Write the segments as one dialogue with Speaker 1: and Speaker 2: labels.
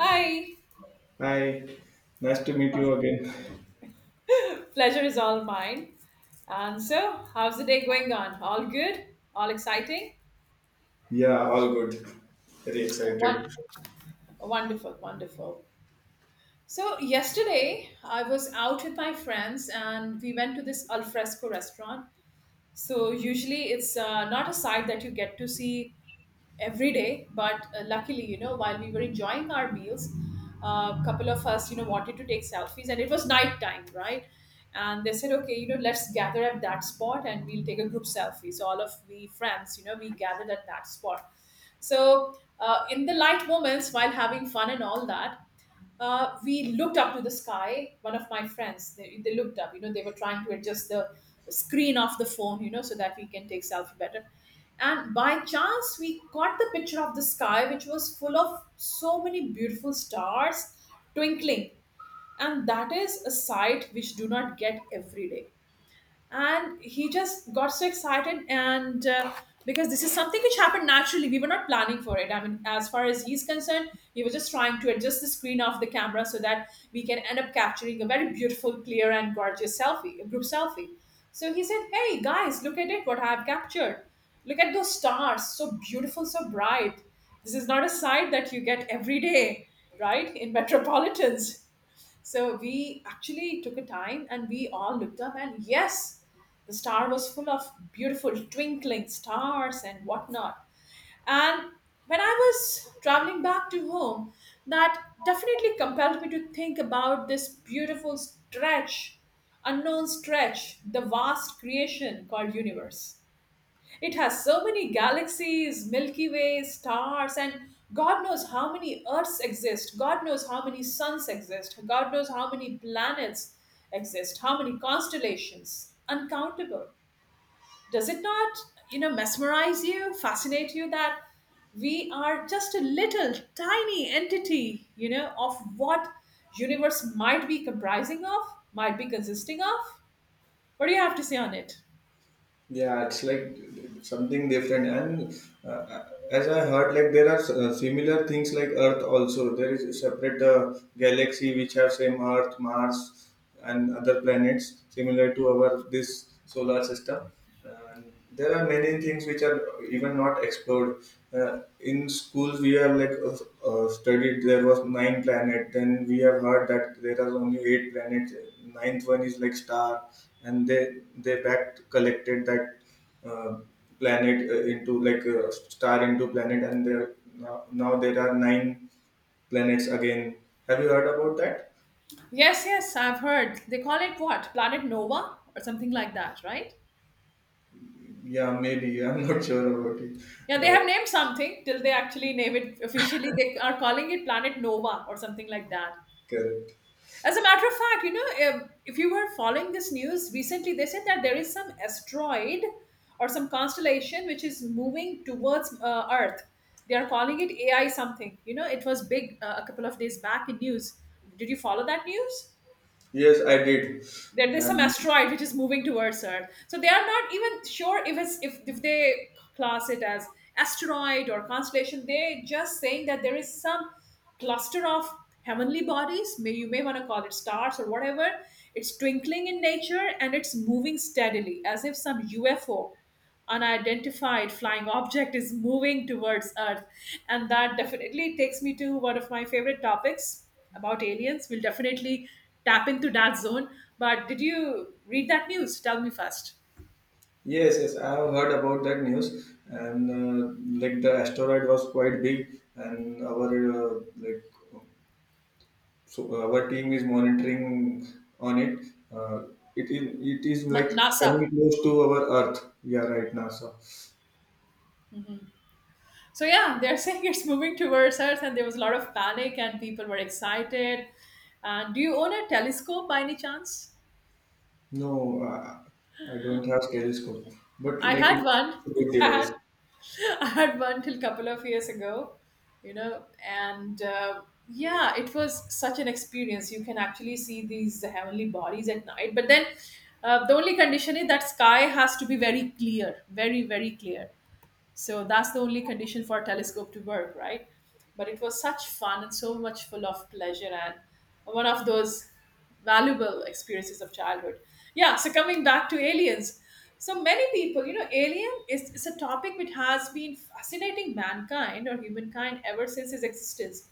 Speaker 1: Hi.
Speaker 2: Hi, nice to meet you again.
Speaker 1: Pleasure is all mine. And so, how's the day going on? All good? All exciting?
Speaker 2: Yeah, all good. Very
Speaker 1: One,
Speaker 2: excited.
Speaker 1: wonderful, wonderful. So yesterday I was out with my friends and we went to this alfresco restaurant. So usually it's not a site that you get to see every day, but luckily, you know, while we were enjoying our meals, a couple of us, you know, wanted to take selfies, and it was night time, right, and they said okay, you know, let's gather at that spot and we'll take a group selfie, so all of we friends, you know, we gathered at that spot. So in the light moments, while having fun and all that, we looked up to the sky. One of my friends, they looked up. You know, they were trying to adjust the screen of the phone. You know, so that we can take selfie better. And by chance, we got the picture of the sky, which was full of so many beautiful stars twinkling. And that is a sight which do not get every day, and he just got so excited. And because this is something which happened naturally, we were not planning for it, I mean, as far as he's concerned, he was just trying to adjust the screen of the camera so that we can end up capturing a very beautiful, clear and gorgeous selfie, a group selfie. So he said, hey guys, look at it, what I've captured, look at those stars, so beautiful, so bright. This is not a sight that you get every day, right, in metropolitans. So we actually took a time and we all looked up, and yes, the star was full of beautiful twinkling stars and whatnot. And when I was traveling back to home, that definitely compelled me to think about this beautiful stretch, unknown stretch, the vast creation called universe. It has so many galaxies, Milky Way, stars, and God knows how many Earths exist. God knows how many suns exist. God knows how many planets exist. How many constellations? Uncountable. Does it not, you know, mesmerize you, fascinate you, that we are just a little tiny entity, you know, of what universe might be comprising of, might be consisting of? What do you have to say on it?
Speaker 2: Yeah, it's like something different. And As I heard, there are similar things like Earth also. There is a separate galaxy which have same Earth, Mars, and other planets similar to our this solar system. Uh, there are many things which are even not explored. In schools we have studied there was nine planet. Then we have heard that there are only eight planets. Ninth one is like star, and they back collected that uh, planet into star into planet. And there now there are nine planets again. Have you heard about that?
Speaker 1: Yes, yes, I've heard. They call it what? Planet Nova or something like that, right?
Speaker 2: Yeah, maybe I'm not sure about it.
Speaker 1: Yeah, they
Speaker 2: uh,
Speaker 1: have named something till they actually name it officially. They are calling it Planet Nova or something like that.
Speaker 2: Correct.
Speaker 1: As a matter of fact, you know, if you were following this news recently, they said that there is some asteroid or some constellation which is moving towards Earth. They are calling it AI something. You know, it was big, a couple of days back in news. Did you follow that news?
Speaker 2: Yes, I did.
Speaker 1: That there's some
Speaker 2: And
Speaker 1: asteroid which is moving towards Earth. So they are not even sure if it's if they class it as asteroid or constellation. They're just saying that there is some cluster of heavenly bodies, may you may want to call it stars or whatever. It's twinkling in nature, and it's moving steadily as if some UFO, unidentified flying object, is moving towards Earth. And that definitely takes me to one of my favorite topics, about aliens. We'll definitely tap into that zone. But did you read that news? Tell me first.
Speaker 2: yes, yes, I have heard about that news, and like the asteroid was quite big, and our uh, like so our team is monitoring on it. Uh, it is like coming
Speaker 1: NASA.
Speaker 2: close to our Earth. Yeah, right now. So
Speaker 1: So yeah, they're saying it's moving towards Earth, and there was a lot of panic, and people were excited. And do you own a telescope by any chance?
Speaker 2: no, I don't have telescope, but
Speaker 1: I
Speaker 2: like
Speaker 1: had one.
Speaker 2: it's a good
Speaker 1: I
Speaker 2: device.
Speaker 1: had, I had one till couple of years ago, you know. And yeah, it was such an experience. You can actually see these heavenly bodies at night, but then the only condition is that sky has to be very clear, very very clear. So that's the only condition for a telescope to work, right? But it was such fun and so much full of pleasure, and one of those valuable experiences of childhood. Yeah, so coming back to aliens. So many people, you know, alien is a topic which has been fascinating mankind or humankind ever since its existence.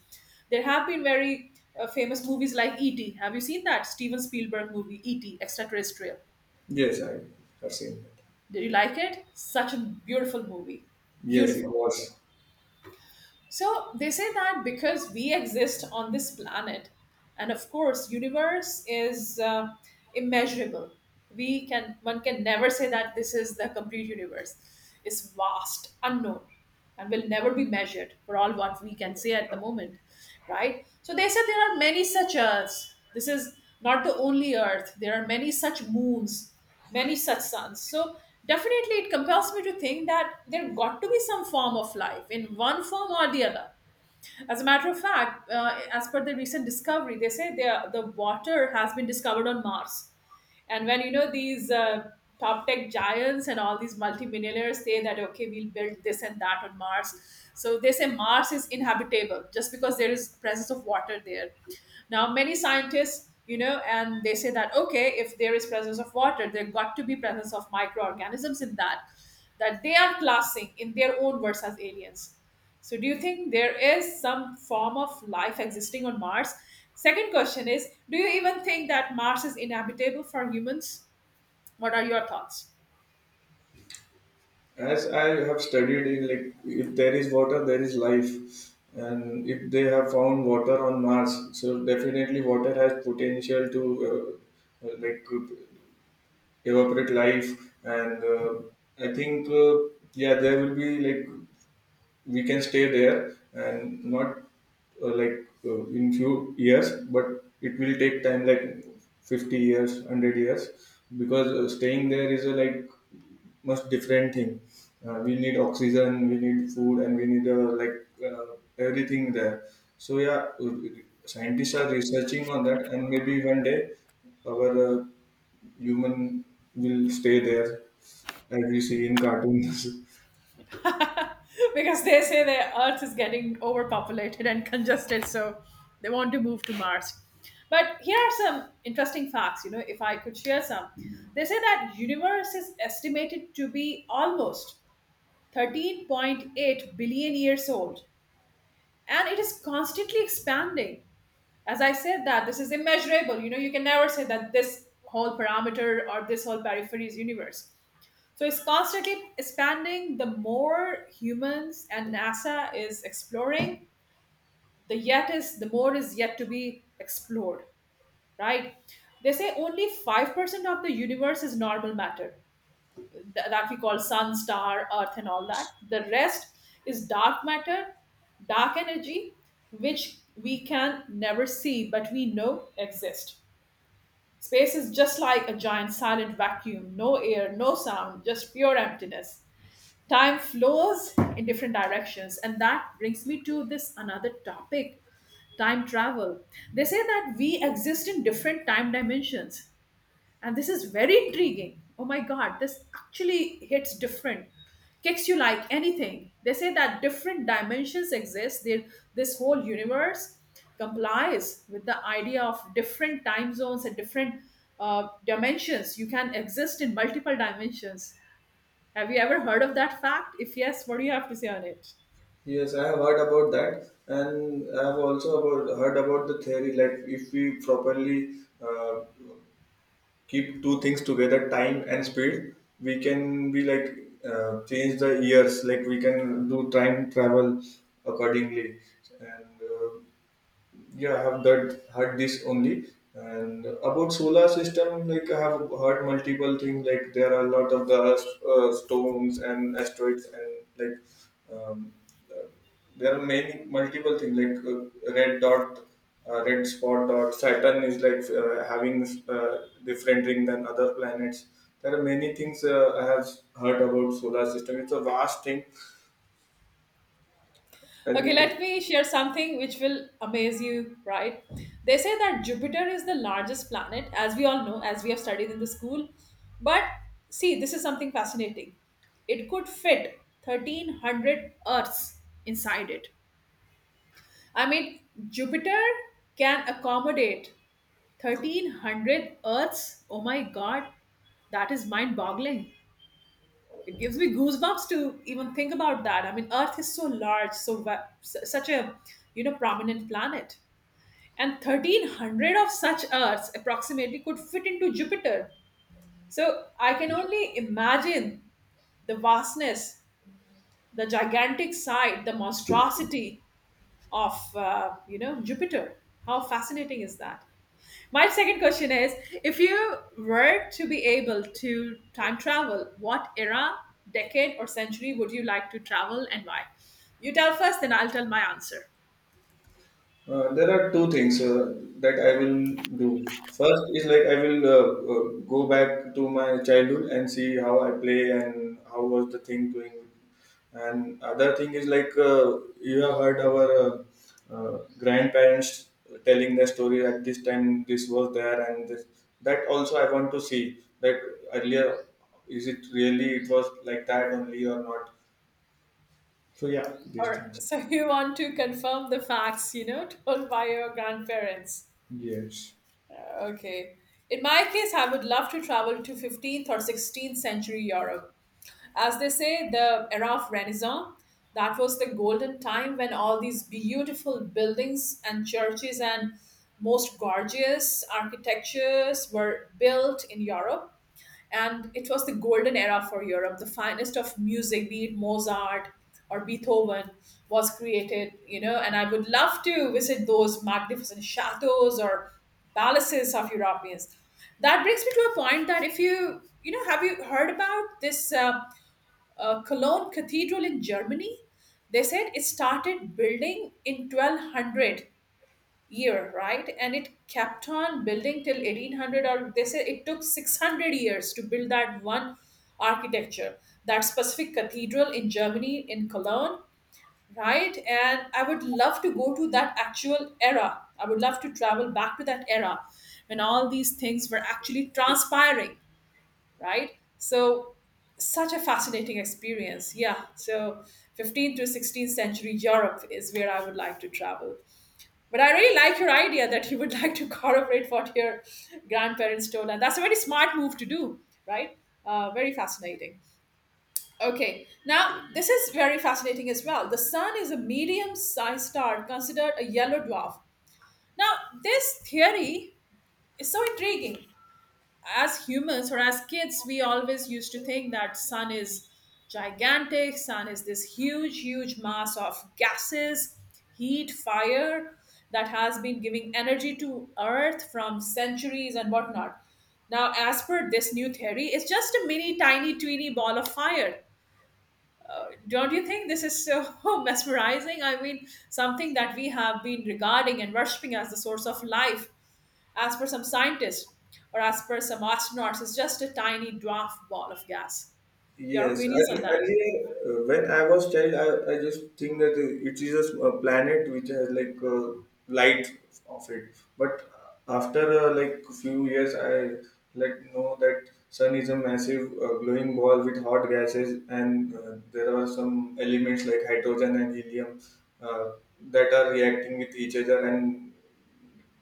Speaker 1: There have been very famous movies like E.T. Have you seen that? Steven Spielberg movie, E.T., Extraterrestrial.
Speaker 2: Yes, I have seen that.
Speaker 1: Did you like it? Such a beautiful movie.
Speaker 2: Yes, it
Speaker 1: Beautiful.
Speaker 2: was.
Speaker 1: So they say that because we exist on this planet, and of course, universe is immeasurable. We can, one can never say that this is the complete universe. It's vast, unknown, and will never be measured for all what we can say at the moment, right? So they said there are many such Earths. This is not the only Earth. There are many such moons, many such sons. So definitely it compels me to think that there got to be some form of life in one form or the other. As a matter of fact, as per the recent discovery, they say the water has been discovered on Mars. And when you know these top tech giants and all these multimillionaires say that okay, we'll build this and that on Mars, so they say Mars is inhabitable just because there is presence of water there. Now many scientists, you know, and they say that okay, if there is presence of water, there got to be presence of microorganisms in that they are classing in their own words as aliens. So, do you think there is some form of life existing on Mars? Second question is, do you even think that Mars is inhabitable for humans? What are your thoughts?
Speaker 2: As I have studied, in like, if there is water, there is life. And if they have found water on Mars, so definitely water has potential to uh, uh, like uh, evaporate life. And I think yeah, there will be like we can stay there, and not in few years, but it will take time like 50 years, 100 years, because staying there is a like much different thing. We need oxygen, we need food, and we need everything there. So yeah, scientists are researching on that, and maybe one day our human will stay there, as we see in cartoons.
Speaker 1: Because they say the Earth is getting overpopulated and congested, so they want to move to Mars. But here are some interesting facts, you know, if I could share some. They say that universe is estimated to be almost 13.8 billion years old, and it is constantly expanding. As I said, that this is immeasurable, you know, you can never say that this whole parameter or this whole periphery is universe. So it's constantly expanding. The more humans and NASA is exploring, the yet is the more is yet to be explored, right? They say only 5% of the universe is normal matter, that we call sun, star, earth and all that. The rest is dark matter, dark energy, which we can never see, but we know exist. Space is just like a giant silent vacuum, no air, no sound, just pure emptiness. Time flows in different directions, and that brings me to this another topic, time travel. They say that we exist in different time dimensions, and this is very intriguing. Oh my god, this actually hits different, kicks you like anything. They say that different dimensions exist. There, this whole universe complies with the idea of different time zones and different dimensions. You can exist in multiple dimensions. Have you ever heard of that fact? If yes, what do you have to say on it?
Speaker 2: Yes, I have heard about that, and I have also heard about the theory. Like, if we properly uh, keep two things together, time and speed, we can be like change the years. Like, we can do time travel accordingly. And Yeah, I have that heard this only. And about solar system, like, I have heard multiple things, like there are a lot of the stones and asteroids, and like um, there are many multiple things like red spot dot Saturn is like having uh, different ring than other planets. There are many things I have heard about solar system. It's a vast thing.
Speaker 1: Okay,
Speaker 2: And
Speaker 1: let me share something which will amaze you, right? They say that Jupiter is the largest planet, as we all know, as we have studied in the school. But see, this is something fascinating. It could fit 1300 Earths inside it. I mean, Jupiter can accommodate 1300 Earths. Oh my God, that is mind boggling. It gives me goosebumps to even think about that. I mean, Earth is so large, so such a, you know, prominent planet, and 1300 of such Earths approximately could fit into Jupiter. So I can only imagine the vastness, the gigantic size, the monstrosity of, you know, Jupiter. How fascinating is that? My second question is, if you were to be able to time travel, what era, decade, or century would you like to travel, and why? You tell first, then I'll tell my answer.
Speaker 2: There are two things that I will do. First is like I will uh, go back to my childhood and see how I play and how was the thing doing. And other thing is like you have heard our grandparents telling their story at this time this was there and this. That also I want to see that earlier, is it really it was like that only or not. So yeah, these
Speaker 1: Or
Speaker 2: things.
Speaker 1: so you want to confirm the facts, you know, told by your grandparents.
Speaker 2: Yes.
Speaker 1: Okay. In my case, I would love to travel to 15th or 16th century Europe. As they say, the era of Renaissance, that was the golden time when all these beautiful buildings and churches and most gorgeous architectures were built in Europe. And it was the golden era for Europe. The finest of music, be it Mozart or Beethoven, was created, you know. And I would love to visit those magnificent chateaus or palaces of Europeans. That brings me to a point that, if you, you know, have you heard about this? Cologne Cathedral in Germany. They said it started building in 1200 year, right? And it kept on building till 1800, or they said it took 600 years to build that one architecture, that specific cathedral in Germany in Cologne, right? And I would love to go to that actual era. I would love to travel back to that era when all these things were actually transpiring, right? So such a fascinating experience. Yeah. So 15th to 16th century Europe is where I would like to travel. But I really like your idea that you would like to corroborate what your grandparents told. And that's a very smart move to do, right? Very fascinating. Okay. Now, this is very fascinating as well. The sun is a medium sized star considered a yellow dwarf. Now, this theory is so intriguing. As humans or as kids we always used to think that sun is gigantic, sun is this huge mass of gases, heat, fire that has been giving energy to earth from centuries and whatnot. Now as per this new theory it's just a mini tiny tweeny ball of fire. Don't you think this is so mesmerizing? I mean, something that we have been regarding and worshipping as the source of life, as per some scientists or as per some astronauts, it's just a tiny dwarf ball of gas. Your
Speaker 2: Yes,
Speaker 1: opinions on that?
Speaker 2: earlier, when I was child, I just think that it is a planet which has like light of it. But after like few years, I like know that sun is a massive glowing ball with hot gases, and there are some elements like hydrogen and helium uh, that are reacting with each other and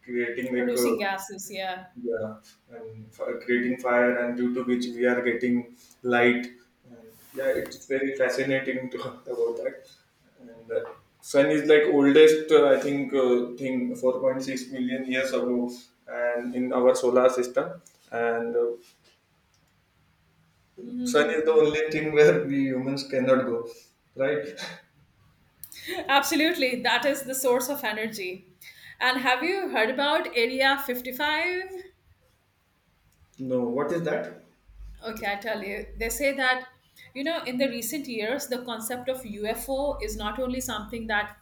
Speaker 2: creating
Speaker 1: Producing gases, yeah.
Speaker 2: yeah, and for creating fire, and due to which we are getting light. And Yeah, it's very fascinating to talk about that. And Sun is like oldest, I think, thing 4.6 million years ago, and in our solar system. And Sun is the
Speaker 1: Mhm.
Speaker 2: only thing where we humans cannot go, right?
Speaker 1: Absolutely, that is the source of energy. And have you heard about Area 55?
Speaker 2: No, what is that?
Speaker 1: Okay, I tell you, they say that, you know, in the recent years, the concept of UFO is not only something that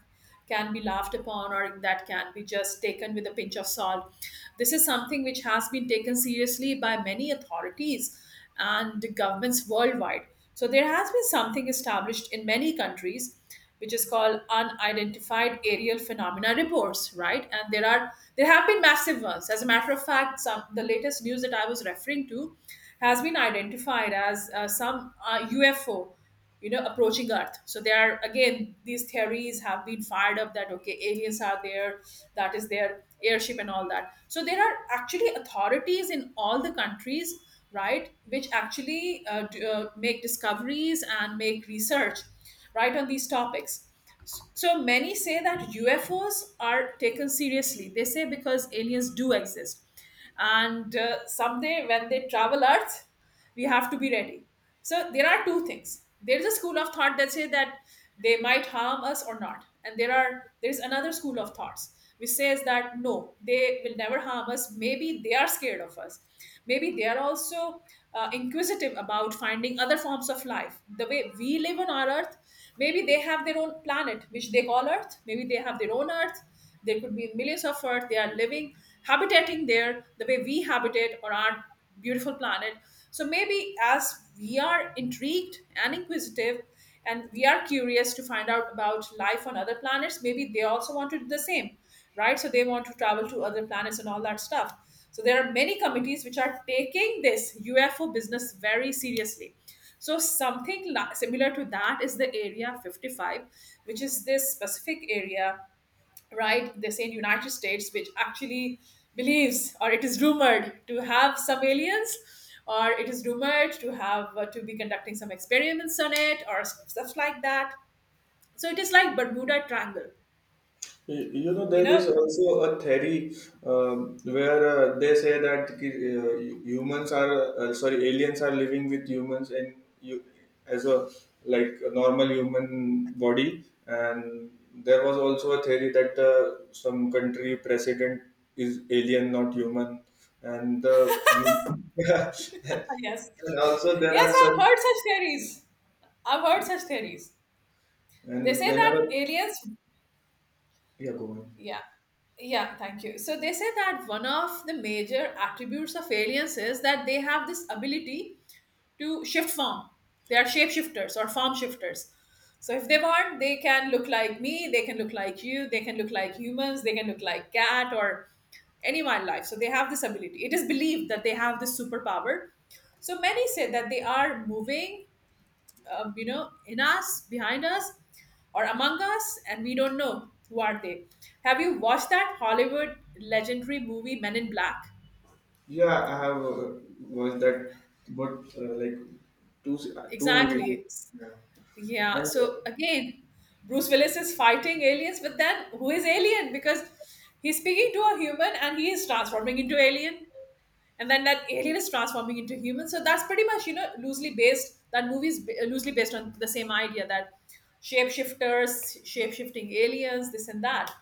Speaker 1: can be laughed upon or that can be just taken with a pinch of salt. This is something which has been taken seriously by many authorities and governments worldwide. So there has been something established in many countries which is called unidentified aerial phenomena reports, right? And there have been massive ones. As a matter of fact, some, the latest news that I was referring to, has been identified as some UFO, you know, approaching Earth. So there are again these theories have been fired up that okay, aliens are there, that is their airship and all that. So there are actually authorities in all the countries, right, which actually make discoveries and make research, right, on these topics. So many say that UFOs are taken seriously. They say because aliens do exist and someday when they travel earth we have to be ready. So there are two things. There is a school of thought that say that they might harm us or not, and there is another school of thoughts which says that no, they will never harm us. Maybe they are scared of us, maybe they are also inquisitive about finding other forms of life the way we live on our earth. Maybe they have their own planet which they call earth, maybe they have their own earth. There could be millions of Earth. They are living, habitating there the way we habitate on our beautiful planet. So maybe as we are intrigued and inquisitive, and we are curious to find out about life on other planets, maybe they also want to do the same, right? So they want to travel to other planets and all that stuff. So there are many committees which are taking this UFO business very seriously. So something li- similar to that is the Area 55, which is this specific area, right? They say in United States, which actually believes or it is rumored to have some aliens, or it is rumored to have to be conducting some experiments on it, or s- stuff like that. So it is like Bermuda Triangle,
Speaker 2: You know,
Speaker 1: you
Speaker 2: there is
Speaker 1: know?
Speaker 2: also a theory where they say that humans are, sorry, aliens are living with humans and you as a like a normal human body. And there was also a theory that some country president is alien, not human. And the yeah.
Speaker 1: Yes,
Speaker 2: And also there are
Speaker 1: yes, I've
Speaker 2: some,
Speaker 1: heard such theories. I've heard such theories. They
Speaker 2: and
Speaker 1: say that
Speaker 2: whenever,
Speaker 1: aliens,
Speaker 2: yeah, go on.
Speaker 1: yeah. Yeah, thank you. So they say that one of the major attributes of aliens is that they have this ability to shift farm. They are shapeshifters or farm shifters. So if they want, they can look like me, they can look like you, they can look like humans, they can look like cat or any wildlife. So they have this ability. It is believed that they have this superpower. So many say that they are moving, you know, in us, behind us, or among us, and we don't know who are they. Have you watched that Hollywood legendary movie Men in Black?
Speaker 2: Yeah, I have watched that, but like two movies.
Speaker 1: Exactly.
Speaker 2: Yeah,
Speaker 1: Yeah.
Speaker 2: and
Speaker 1: So again, Bruce Willis is fighting aliens, but then who is alien? Because he's speaking to a human and he is transforming into alien, and then that alien is transforming into human. So that's pretty much, you know, loosely based. That movie is ba- loosely based on the same idea that shapeshifters, shape shifting aliens, this and that.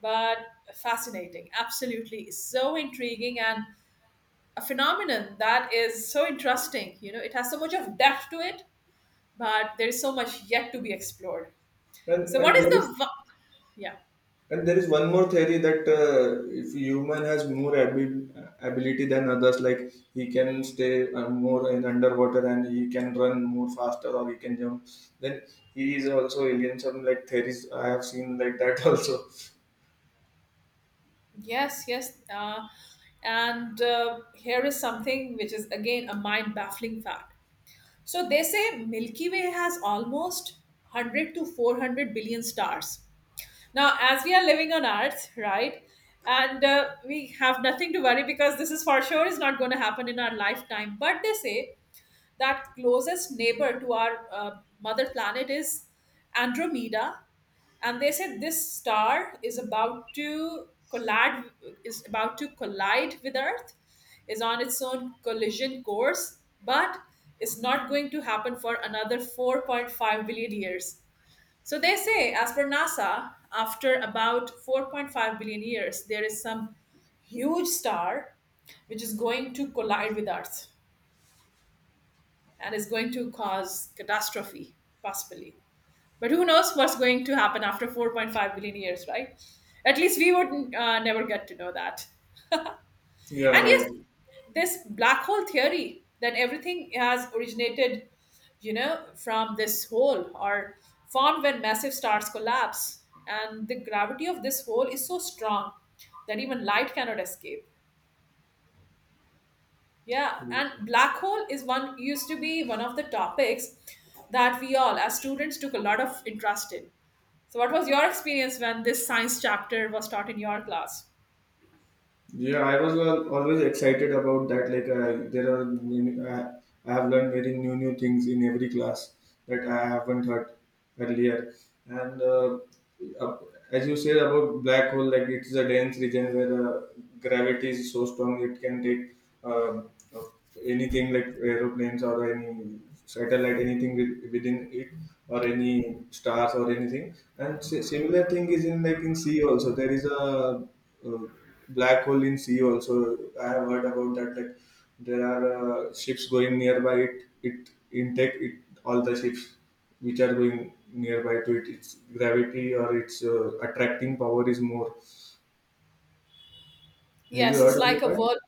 Speaker 1: But fascinating, absolutely so intriguing, and a phenomenon that is so interesting. You know, it has so much of depth to it but there is so much yet to be explored.
Speaker 2: and
Speaker 1: So, what
Speaker 2: and
Speaker 1: is
Speaker 2: there is.
Speaker 1: the vi- yeah?
Speaker 2: And there is one more theory that if human has more ability than others, like he can stay more in underwater, and he can run more faster or he can jump, then he is also alien. Some like theories I have seen like that also.
Speaker 1: Yes, yes. And here is something which is again a mind baffling fact. So they say Milky Way has almost 100 to 400 billion stars. Now, as we are living on Earth, right, and we have nothing to worry because this is for sure is not going to happen in our lifetime. But they say that closest neighbor to our mother planet is Andromeda, and they said this star is about to collide, with Earth, is on its own collision course, but is not going to happen for another 4.5 billion years. So they say, as per NASA, after about 4.5 billion years, there is some huge star which is going to collide with Earth and is going to cause catastrophe, possibly. But who knows what's going to happen after 4.5 billion years, right? At least we would never get to know that. And
Speaker 2: Yeah,
Speaker 1: yes,
Speaker 2: right.
Speaker 1: this black hole theory that everything has originated, you know, from this hole, or formed when massive stars collapse, and the gravity of this hole is so strong that even light cannot escape. Yeah, and black hole is one, used to be one of the topics that we all as students took a lot of interest in. So what was your experience when this science chapter was taught in your class?
Speaker 2: Yeah, I was always excited about that. Like, there are new, I have learned very new things in every class that I haven't heard earlier, and uh, as you said about black hole, like it's a dense region where the gravity is so strong, it can take uh, uh, anything like aeroplanes or any satellite, anything within it, or any stars or anything. And similar thing is in like in sea also. There is a uh, black hole in sea also. I have heard about that. Like, there are ships going nearby. It intake it all the ships which are going nearby to it. Its gravity or its attracting power is more. Have you
Speaker 1: Yes,
Speaker 2: heard
Speaker 1: it's
Speaker 2: about
Speaker 1: like a
Speaker 2: that?
Speaker 1: world.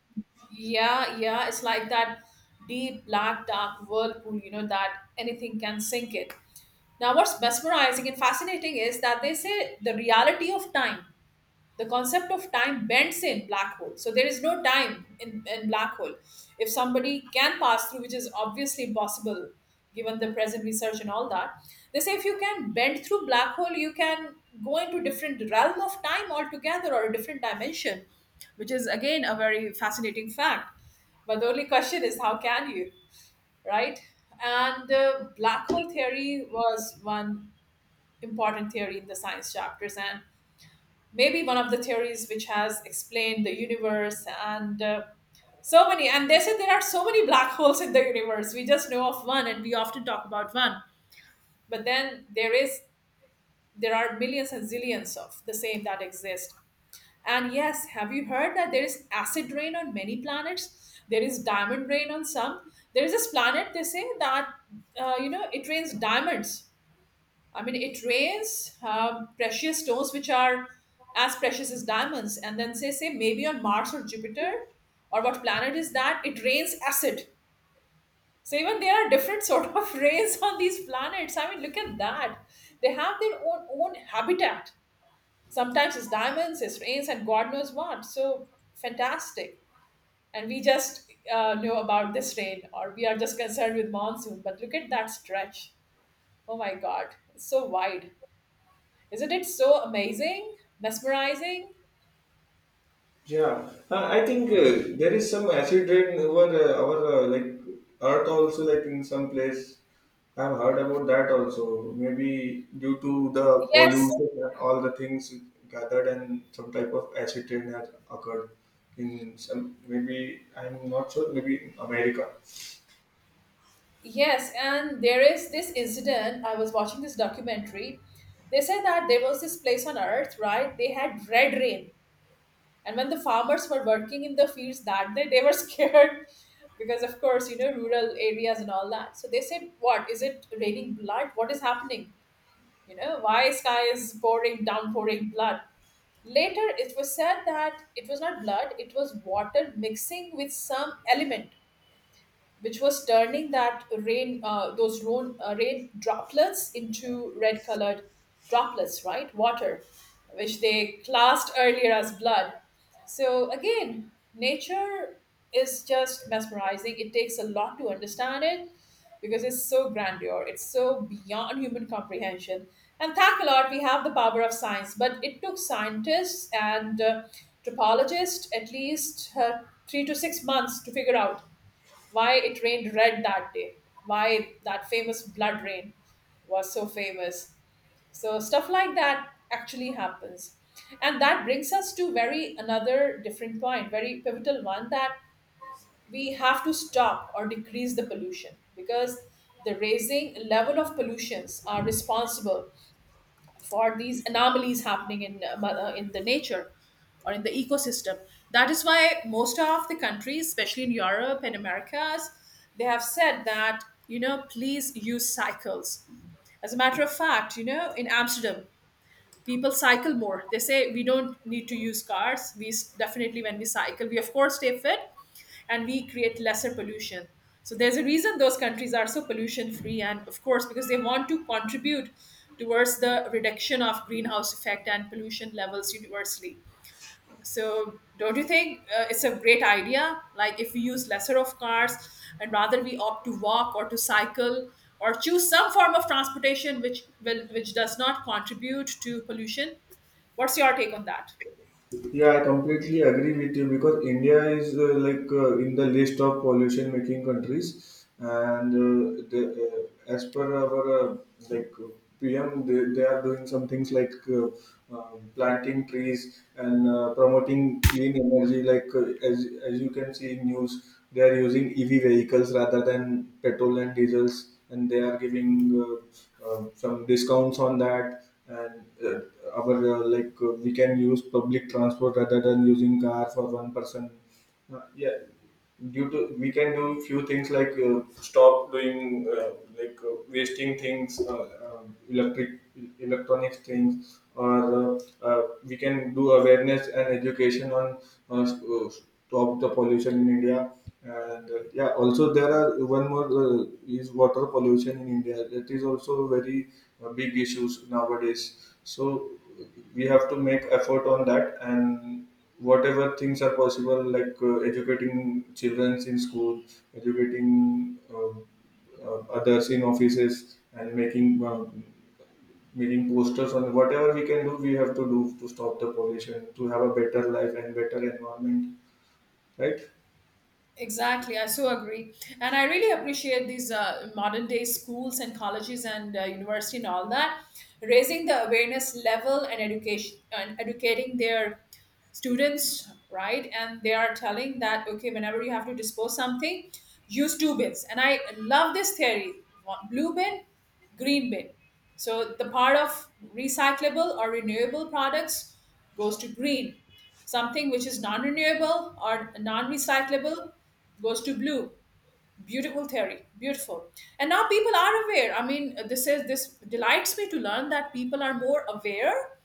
Speaker 1: Yeah, yeah, it's like that deep black dark whirlpool, you know, that anything can sink it. Now, what's mesmerizing and fascinating is that they say the reality of time, the concept of time bends in black hole. So there is no time in black hole. If somebody can pass through, which is obviously impossible given the present research and all that, they say if you can bend through black hole you can go into different realm of time altogether, or a different dimension, which is again a very fascinating fact. But the only question is how can you, right? And black hole theory was one important theory in the science chapters, and maybe one of the theories which has explained the universe. And so many. And they said there are so many black holes in the universe. We just know of one and we often talk about one, but then there are millions and zillions of the same that exist. And yes, have you heard that there is acid rain on many planets, there is diamond rain on some? There is this planet, they say that, you know, it rains diamonds. I mean, it rains, precious stones which are as precious as diamonds. And then say maybe on Mars or Jupiter, or what planet is that? It rains acid. So even there are different sort of rains on these planets. I mean, look at that. They have their own habitat. Sometimes it's diamonds, it's rains, and God knows what. So fantastic. And we just know about this rain, or we are just concerned with monsoon. But look at that stretch. Oh my God, it's so wide. Isn't it so amazing, mesmerizing?
Speaker 2: Yeah, I think there is some acid rain over our like Earth also, like in some place. I've heard about that also. Maybe due to the
Speaker 1: Yes,
Speaker 2: pollution and all the things gathered, and some type of acid rain has occurred in some. Maybe I'm not sure. Maybe in America.
Speaker 1: yes. And there is this incident. I was watching this documentary. They said that there was this place on earth, right? They had red rain. And when the farmers were working in the fields that day, they were scared because, of course, you know, rural areas and all that. So they said, "What? Is it raining blood? What is happening? You know, why sky is pouring, downpouring blood?" Later, it was said that it was not blood, it was water mixing with some element which was turning that rain, those rain, rain droplets into red colored droplets, right? Water, which they classed earlier as blood. So, again, nature is just mesmerizing. It takes a lot to understand it because it's so grandeur, it's so beyond human comprehension. And thank a lot, we have the power of science, but it took scientists and topologists at least 3 to 6 months to figure out why it rained red that day, why that famous blood rain was so famous. So stuff like that actually happens. And that brings us to very another different point, very pivotal one that we have to stop or decrease the pollution because the raising level of pollutions are responsible for these anomalies happening in in the nature or in the ecosystem. That is why most of the countries, especially in Europe and Americas, they have said that you know please use cycles. As a matter of fact, you know in Amsterdam people cycle more. They say we don't need to use cars. Definitely when we cycle we of course stay fit and we create lesser pollution, so there's a reason those countries are so pollution free, and of course because they want to contribute towards the reduction of greenhouse effect and pollution levels universally. So, don't you think it's a great idea? Like, if we use lesser of cars and rather we opt to walk or to cycle or choose some form of transportation which does not contribute to pollution. What's your take on that?
Speaker 2: Yeah, I completely agree with you because India is in the list of pollution making countries, as per our like uh, PM, they are doing some things like planting trees and promoting clean energy. Like, as you can see in news, they are using EV vehicles rather than petrol and diesels, and they are giving some discounts on that, and our we can use public transport rather than using car for one person. Yeah, due to we can do few things like stop doing uh, wasting things, electric electronics things, or uh, we can do awareness and education on uh, s- uh, stop the pollution in India. And Yeah, also there are one more is water pollution in India. That is also very big issues nowadays. So we have to make effort on that, and whatever things are possible, like educating children in school, educating others in offices, and making posters on whatever we can do. We have to do to stop the pollution, to have a better life and better environment, right?
Speaker 1: Exactly, I so agree, and I really appreciate these modern day schools and colleges and university and all that, raising the awareness level and education and educating their students, right? And they are telling that okay, whenever you have to dispose something, use two bins. And I love this theory: one blue bin, green bin. So the part of recyclable or renewable products goes to green. Something which is non-renewable or non-recyclable goes to blue. Beautiful theory, beautiful. And now people are aware. I mean, this delights me to learn that people are more aware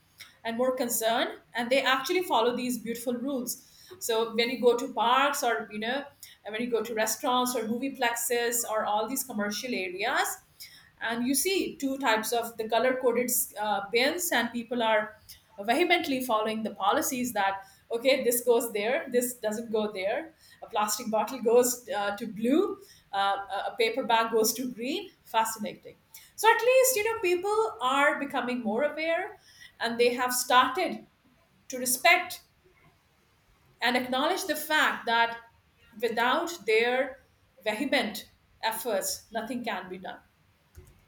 Speaker 1: and more concerned, and they actually follow these beautiful rules. So when you go to parks, or you know, when you go to restaurants or movie plexes or all these commercial areas, and you see two types of the color coded bins, and people are vehemently following the policies that okay, this goes there, this doesn't go there. A plastic bottle goes to blue, a paper bag goes to green. Fascinating. So at least, you know, people are becoming more aware, and they have started to respect and acknowledge the fact that without their vehement efforts nothing can be done.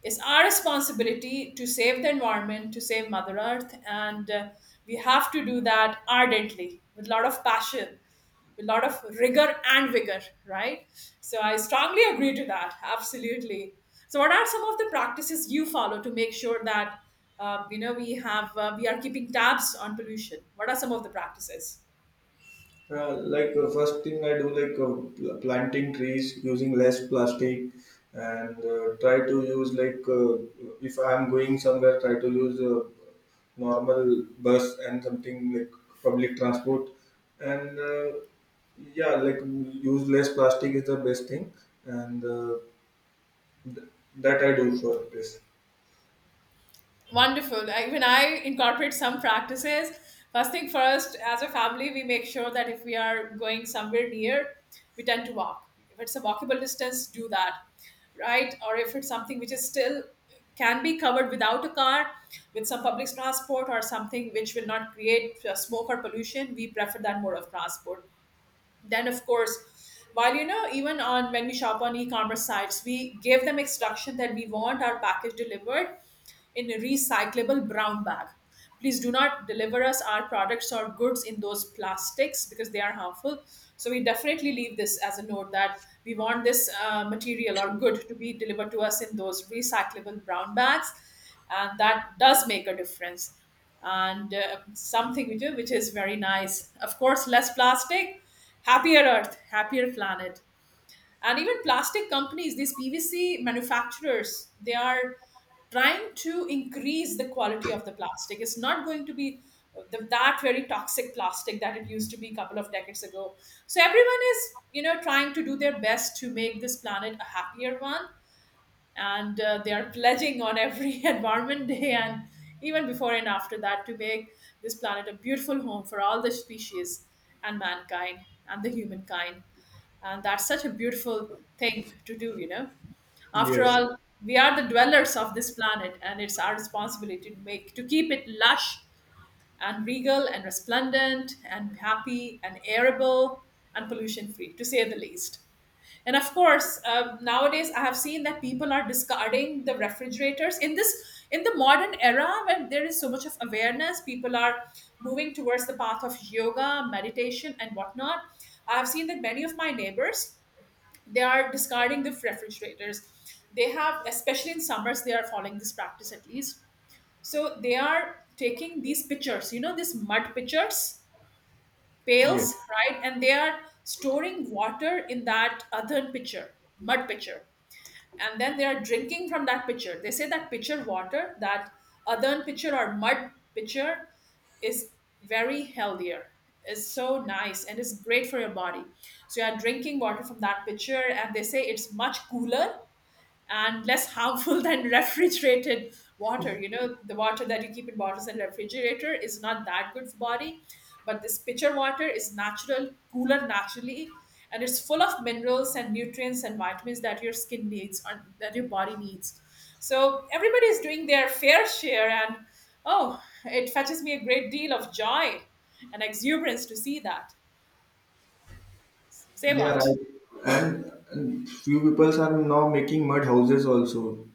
Speaker 1: It's our responsibility to save the environment, to save Mother Earth, and we have to do that ardently with a lot of passion, with a lot of rigor and vigor, right? So I strongly agree to that, absolutely. So, what are some of the practices you follow to make sure that you know, we have we are keeping tabs on pollution? What are some of the practices?
Speaker 2: Yeah, like first thing I do, like planting trees, using less plastic, and try to use like if I'm going somewhere, try to use normal bus and something like public transport, and yeah, like use less plastic is the best thing, and uh, th- that I do for this.
Speaker 1: Wonderful. I, when I incorporate some practices, first thing first, as a family, we make sure that if we are going somewhere near, we tend to walk. If it's a walkable distance, do that, right? Or if it's something which is still can be covered without a car, with some public transport or something which will not create smoke or pollution, we prefer that mode of transport. Then of course, while you know, even on when we shop on e-commerce sites, we give them instruction that we want our package delivered in a recyclable brown bag. Please do not deliver us our products or goods in those plastics because they are harmful. So we definitely leave this as a note that we want this material or good to be delivered to us in those recyclable brown bags, and that does make a difference. And something we do which is very nice, of course, less plastic, happier earth, happier planet. And even plastic companies, these pvc manufacturers, they are trying to increase the quality of the plastic. It's not going to be that very toxic plastic that it used to be a couple of decades ago. So everyone is, you know, trying to do their best to make this planet a happier one. And they are pledging on every environment day, and even before and after that, to make this planet a beautiful home for all the species and mankind and the humankind. And that's such a beautiful thing to do, you know, after
Speaker 2: Yes.
Speaker 1: all, we are the dwellers of this planet, and it's our responsibility to make to keep it lush and regal and resplendent and happy and arable and pollution free, to say the least. And of course, nowadays I have seen that people are discarding the refrigerators in this in the modern era when there is so much of awareness. People are moving towards the path of yoga, meditation, and whatnot. I have seen that many of my neighbors, they are discarding the refrigerators. They have, especially in summers, they are following this practice at least. So they are taking these pitchers, you know, these mud pitchers,
Speaker 2: Yeah.
Speaker 1: pails, right? And they are storing water in that earthen pitcher, mud pitcher. And then they are drinking from that pitcher. They say that pitcher water, that earthen pitcher or mud pitcher is very healthier. It's so nice and it's great for your body. So you are drinking water from that pitcher, and they say it's much cooler and less harmful than refrigerated water. You know, the water that you keep in bottles and refrigerator is not that good for body, but this pitcher water is natural cooler naturally, and it's full of minerals and nutrients and vitamins that your skin needs or that your body needs. So everybody is doing their fair share, and oh, it fetches me a great deal of joy and exuberance to see that, say
Speaker 2: Yeah,
Speaker 1: what.
Speaker 2: right. And few people are now making mud houses also,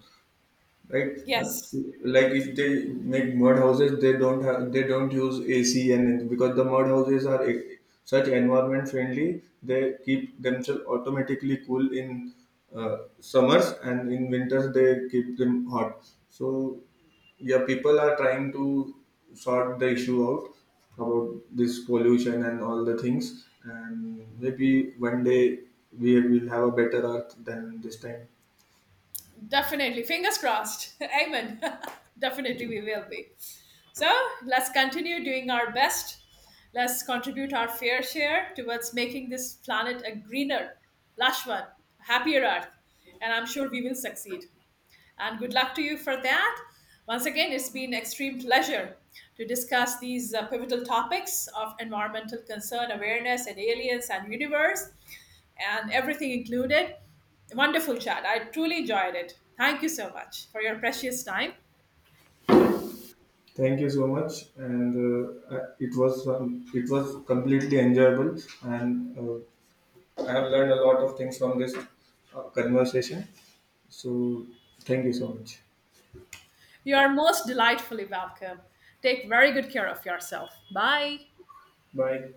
Speaker 2: right? So,
Speaker 1: Yes.
Speaker 2: like if they make mud houses, they don't use AC. And because the mud houses are such environment friendly, they keep themselves automatically cool in summers, and in winters they keep them hot. So yeah, people are trying to sort the issue out about this pollution and all the things, and maybe one day we will have a better earth than this time.
Speaker 1: Definitely. Fingers crossed. Amen. Definitely, we will be. So let's continue doing our best. Let's contribute our fair share towards making this planet a greener, lush one, happier earth. And I'm sure we will succeed, and good luck to you for that. Once again, it's been extreme pleasure to discuss these pivotal topics of environmental concern, awareness, and aliens and universe, and everything included. Wonderful chat. I truly enjoyed it. Thank you so much for your precious time.
Speaker 2: Thank you so much, and it was completely enjoyable, and I have learned a lot of things from this conversation. So thank you so much.
Speaker 1: You are most delightfully welcome. Take very good care of yourself. Bye.
Speaker 2: Bye.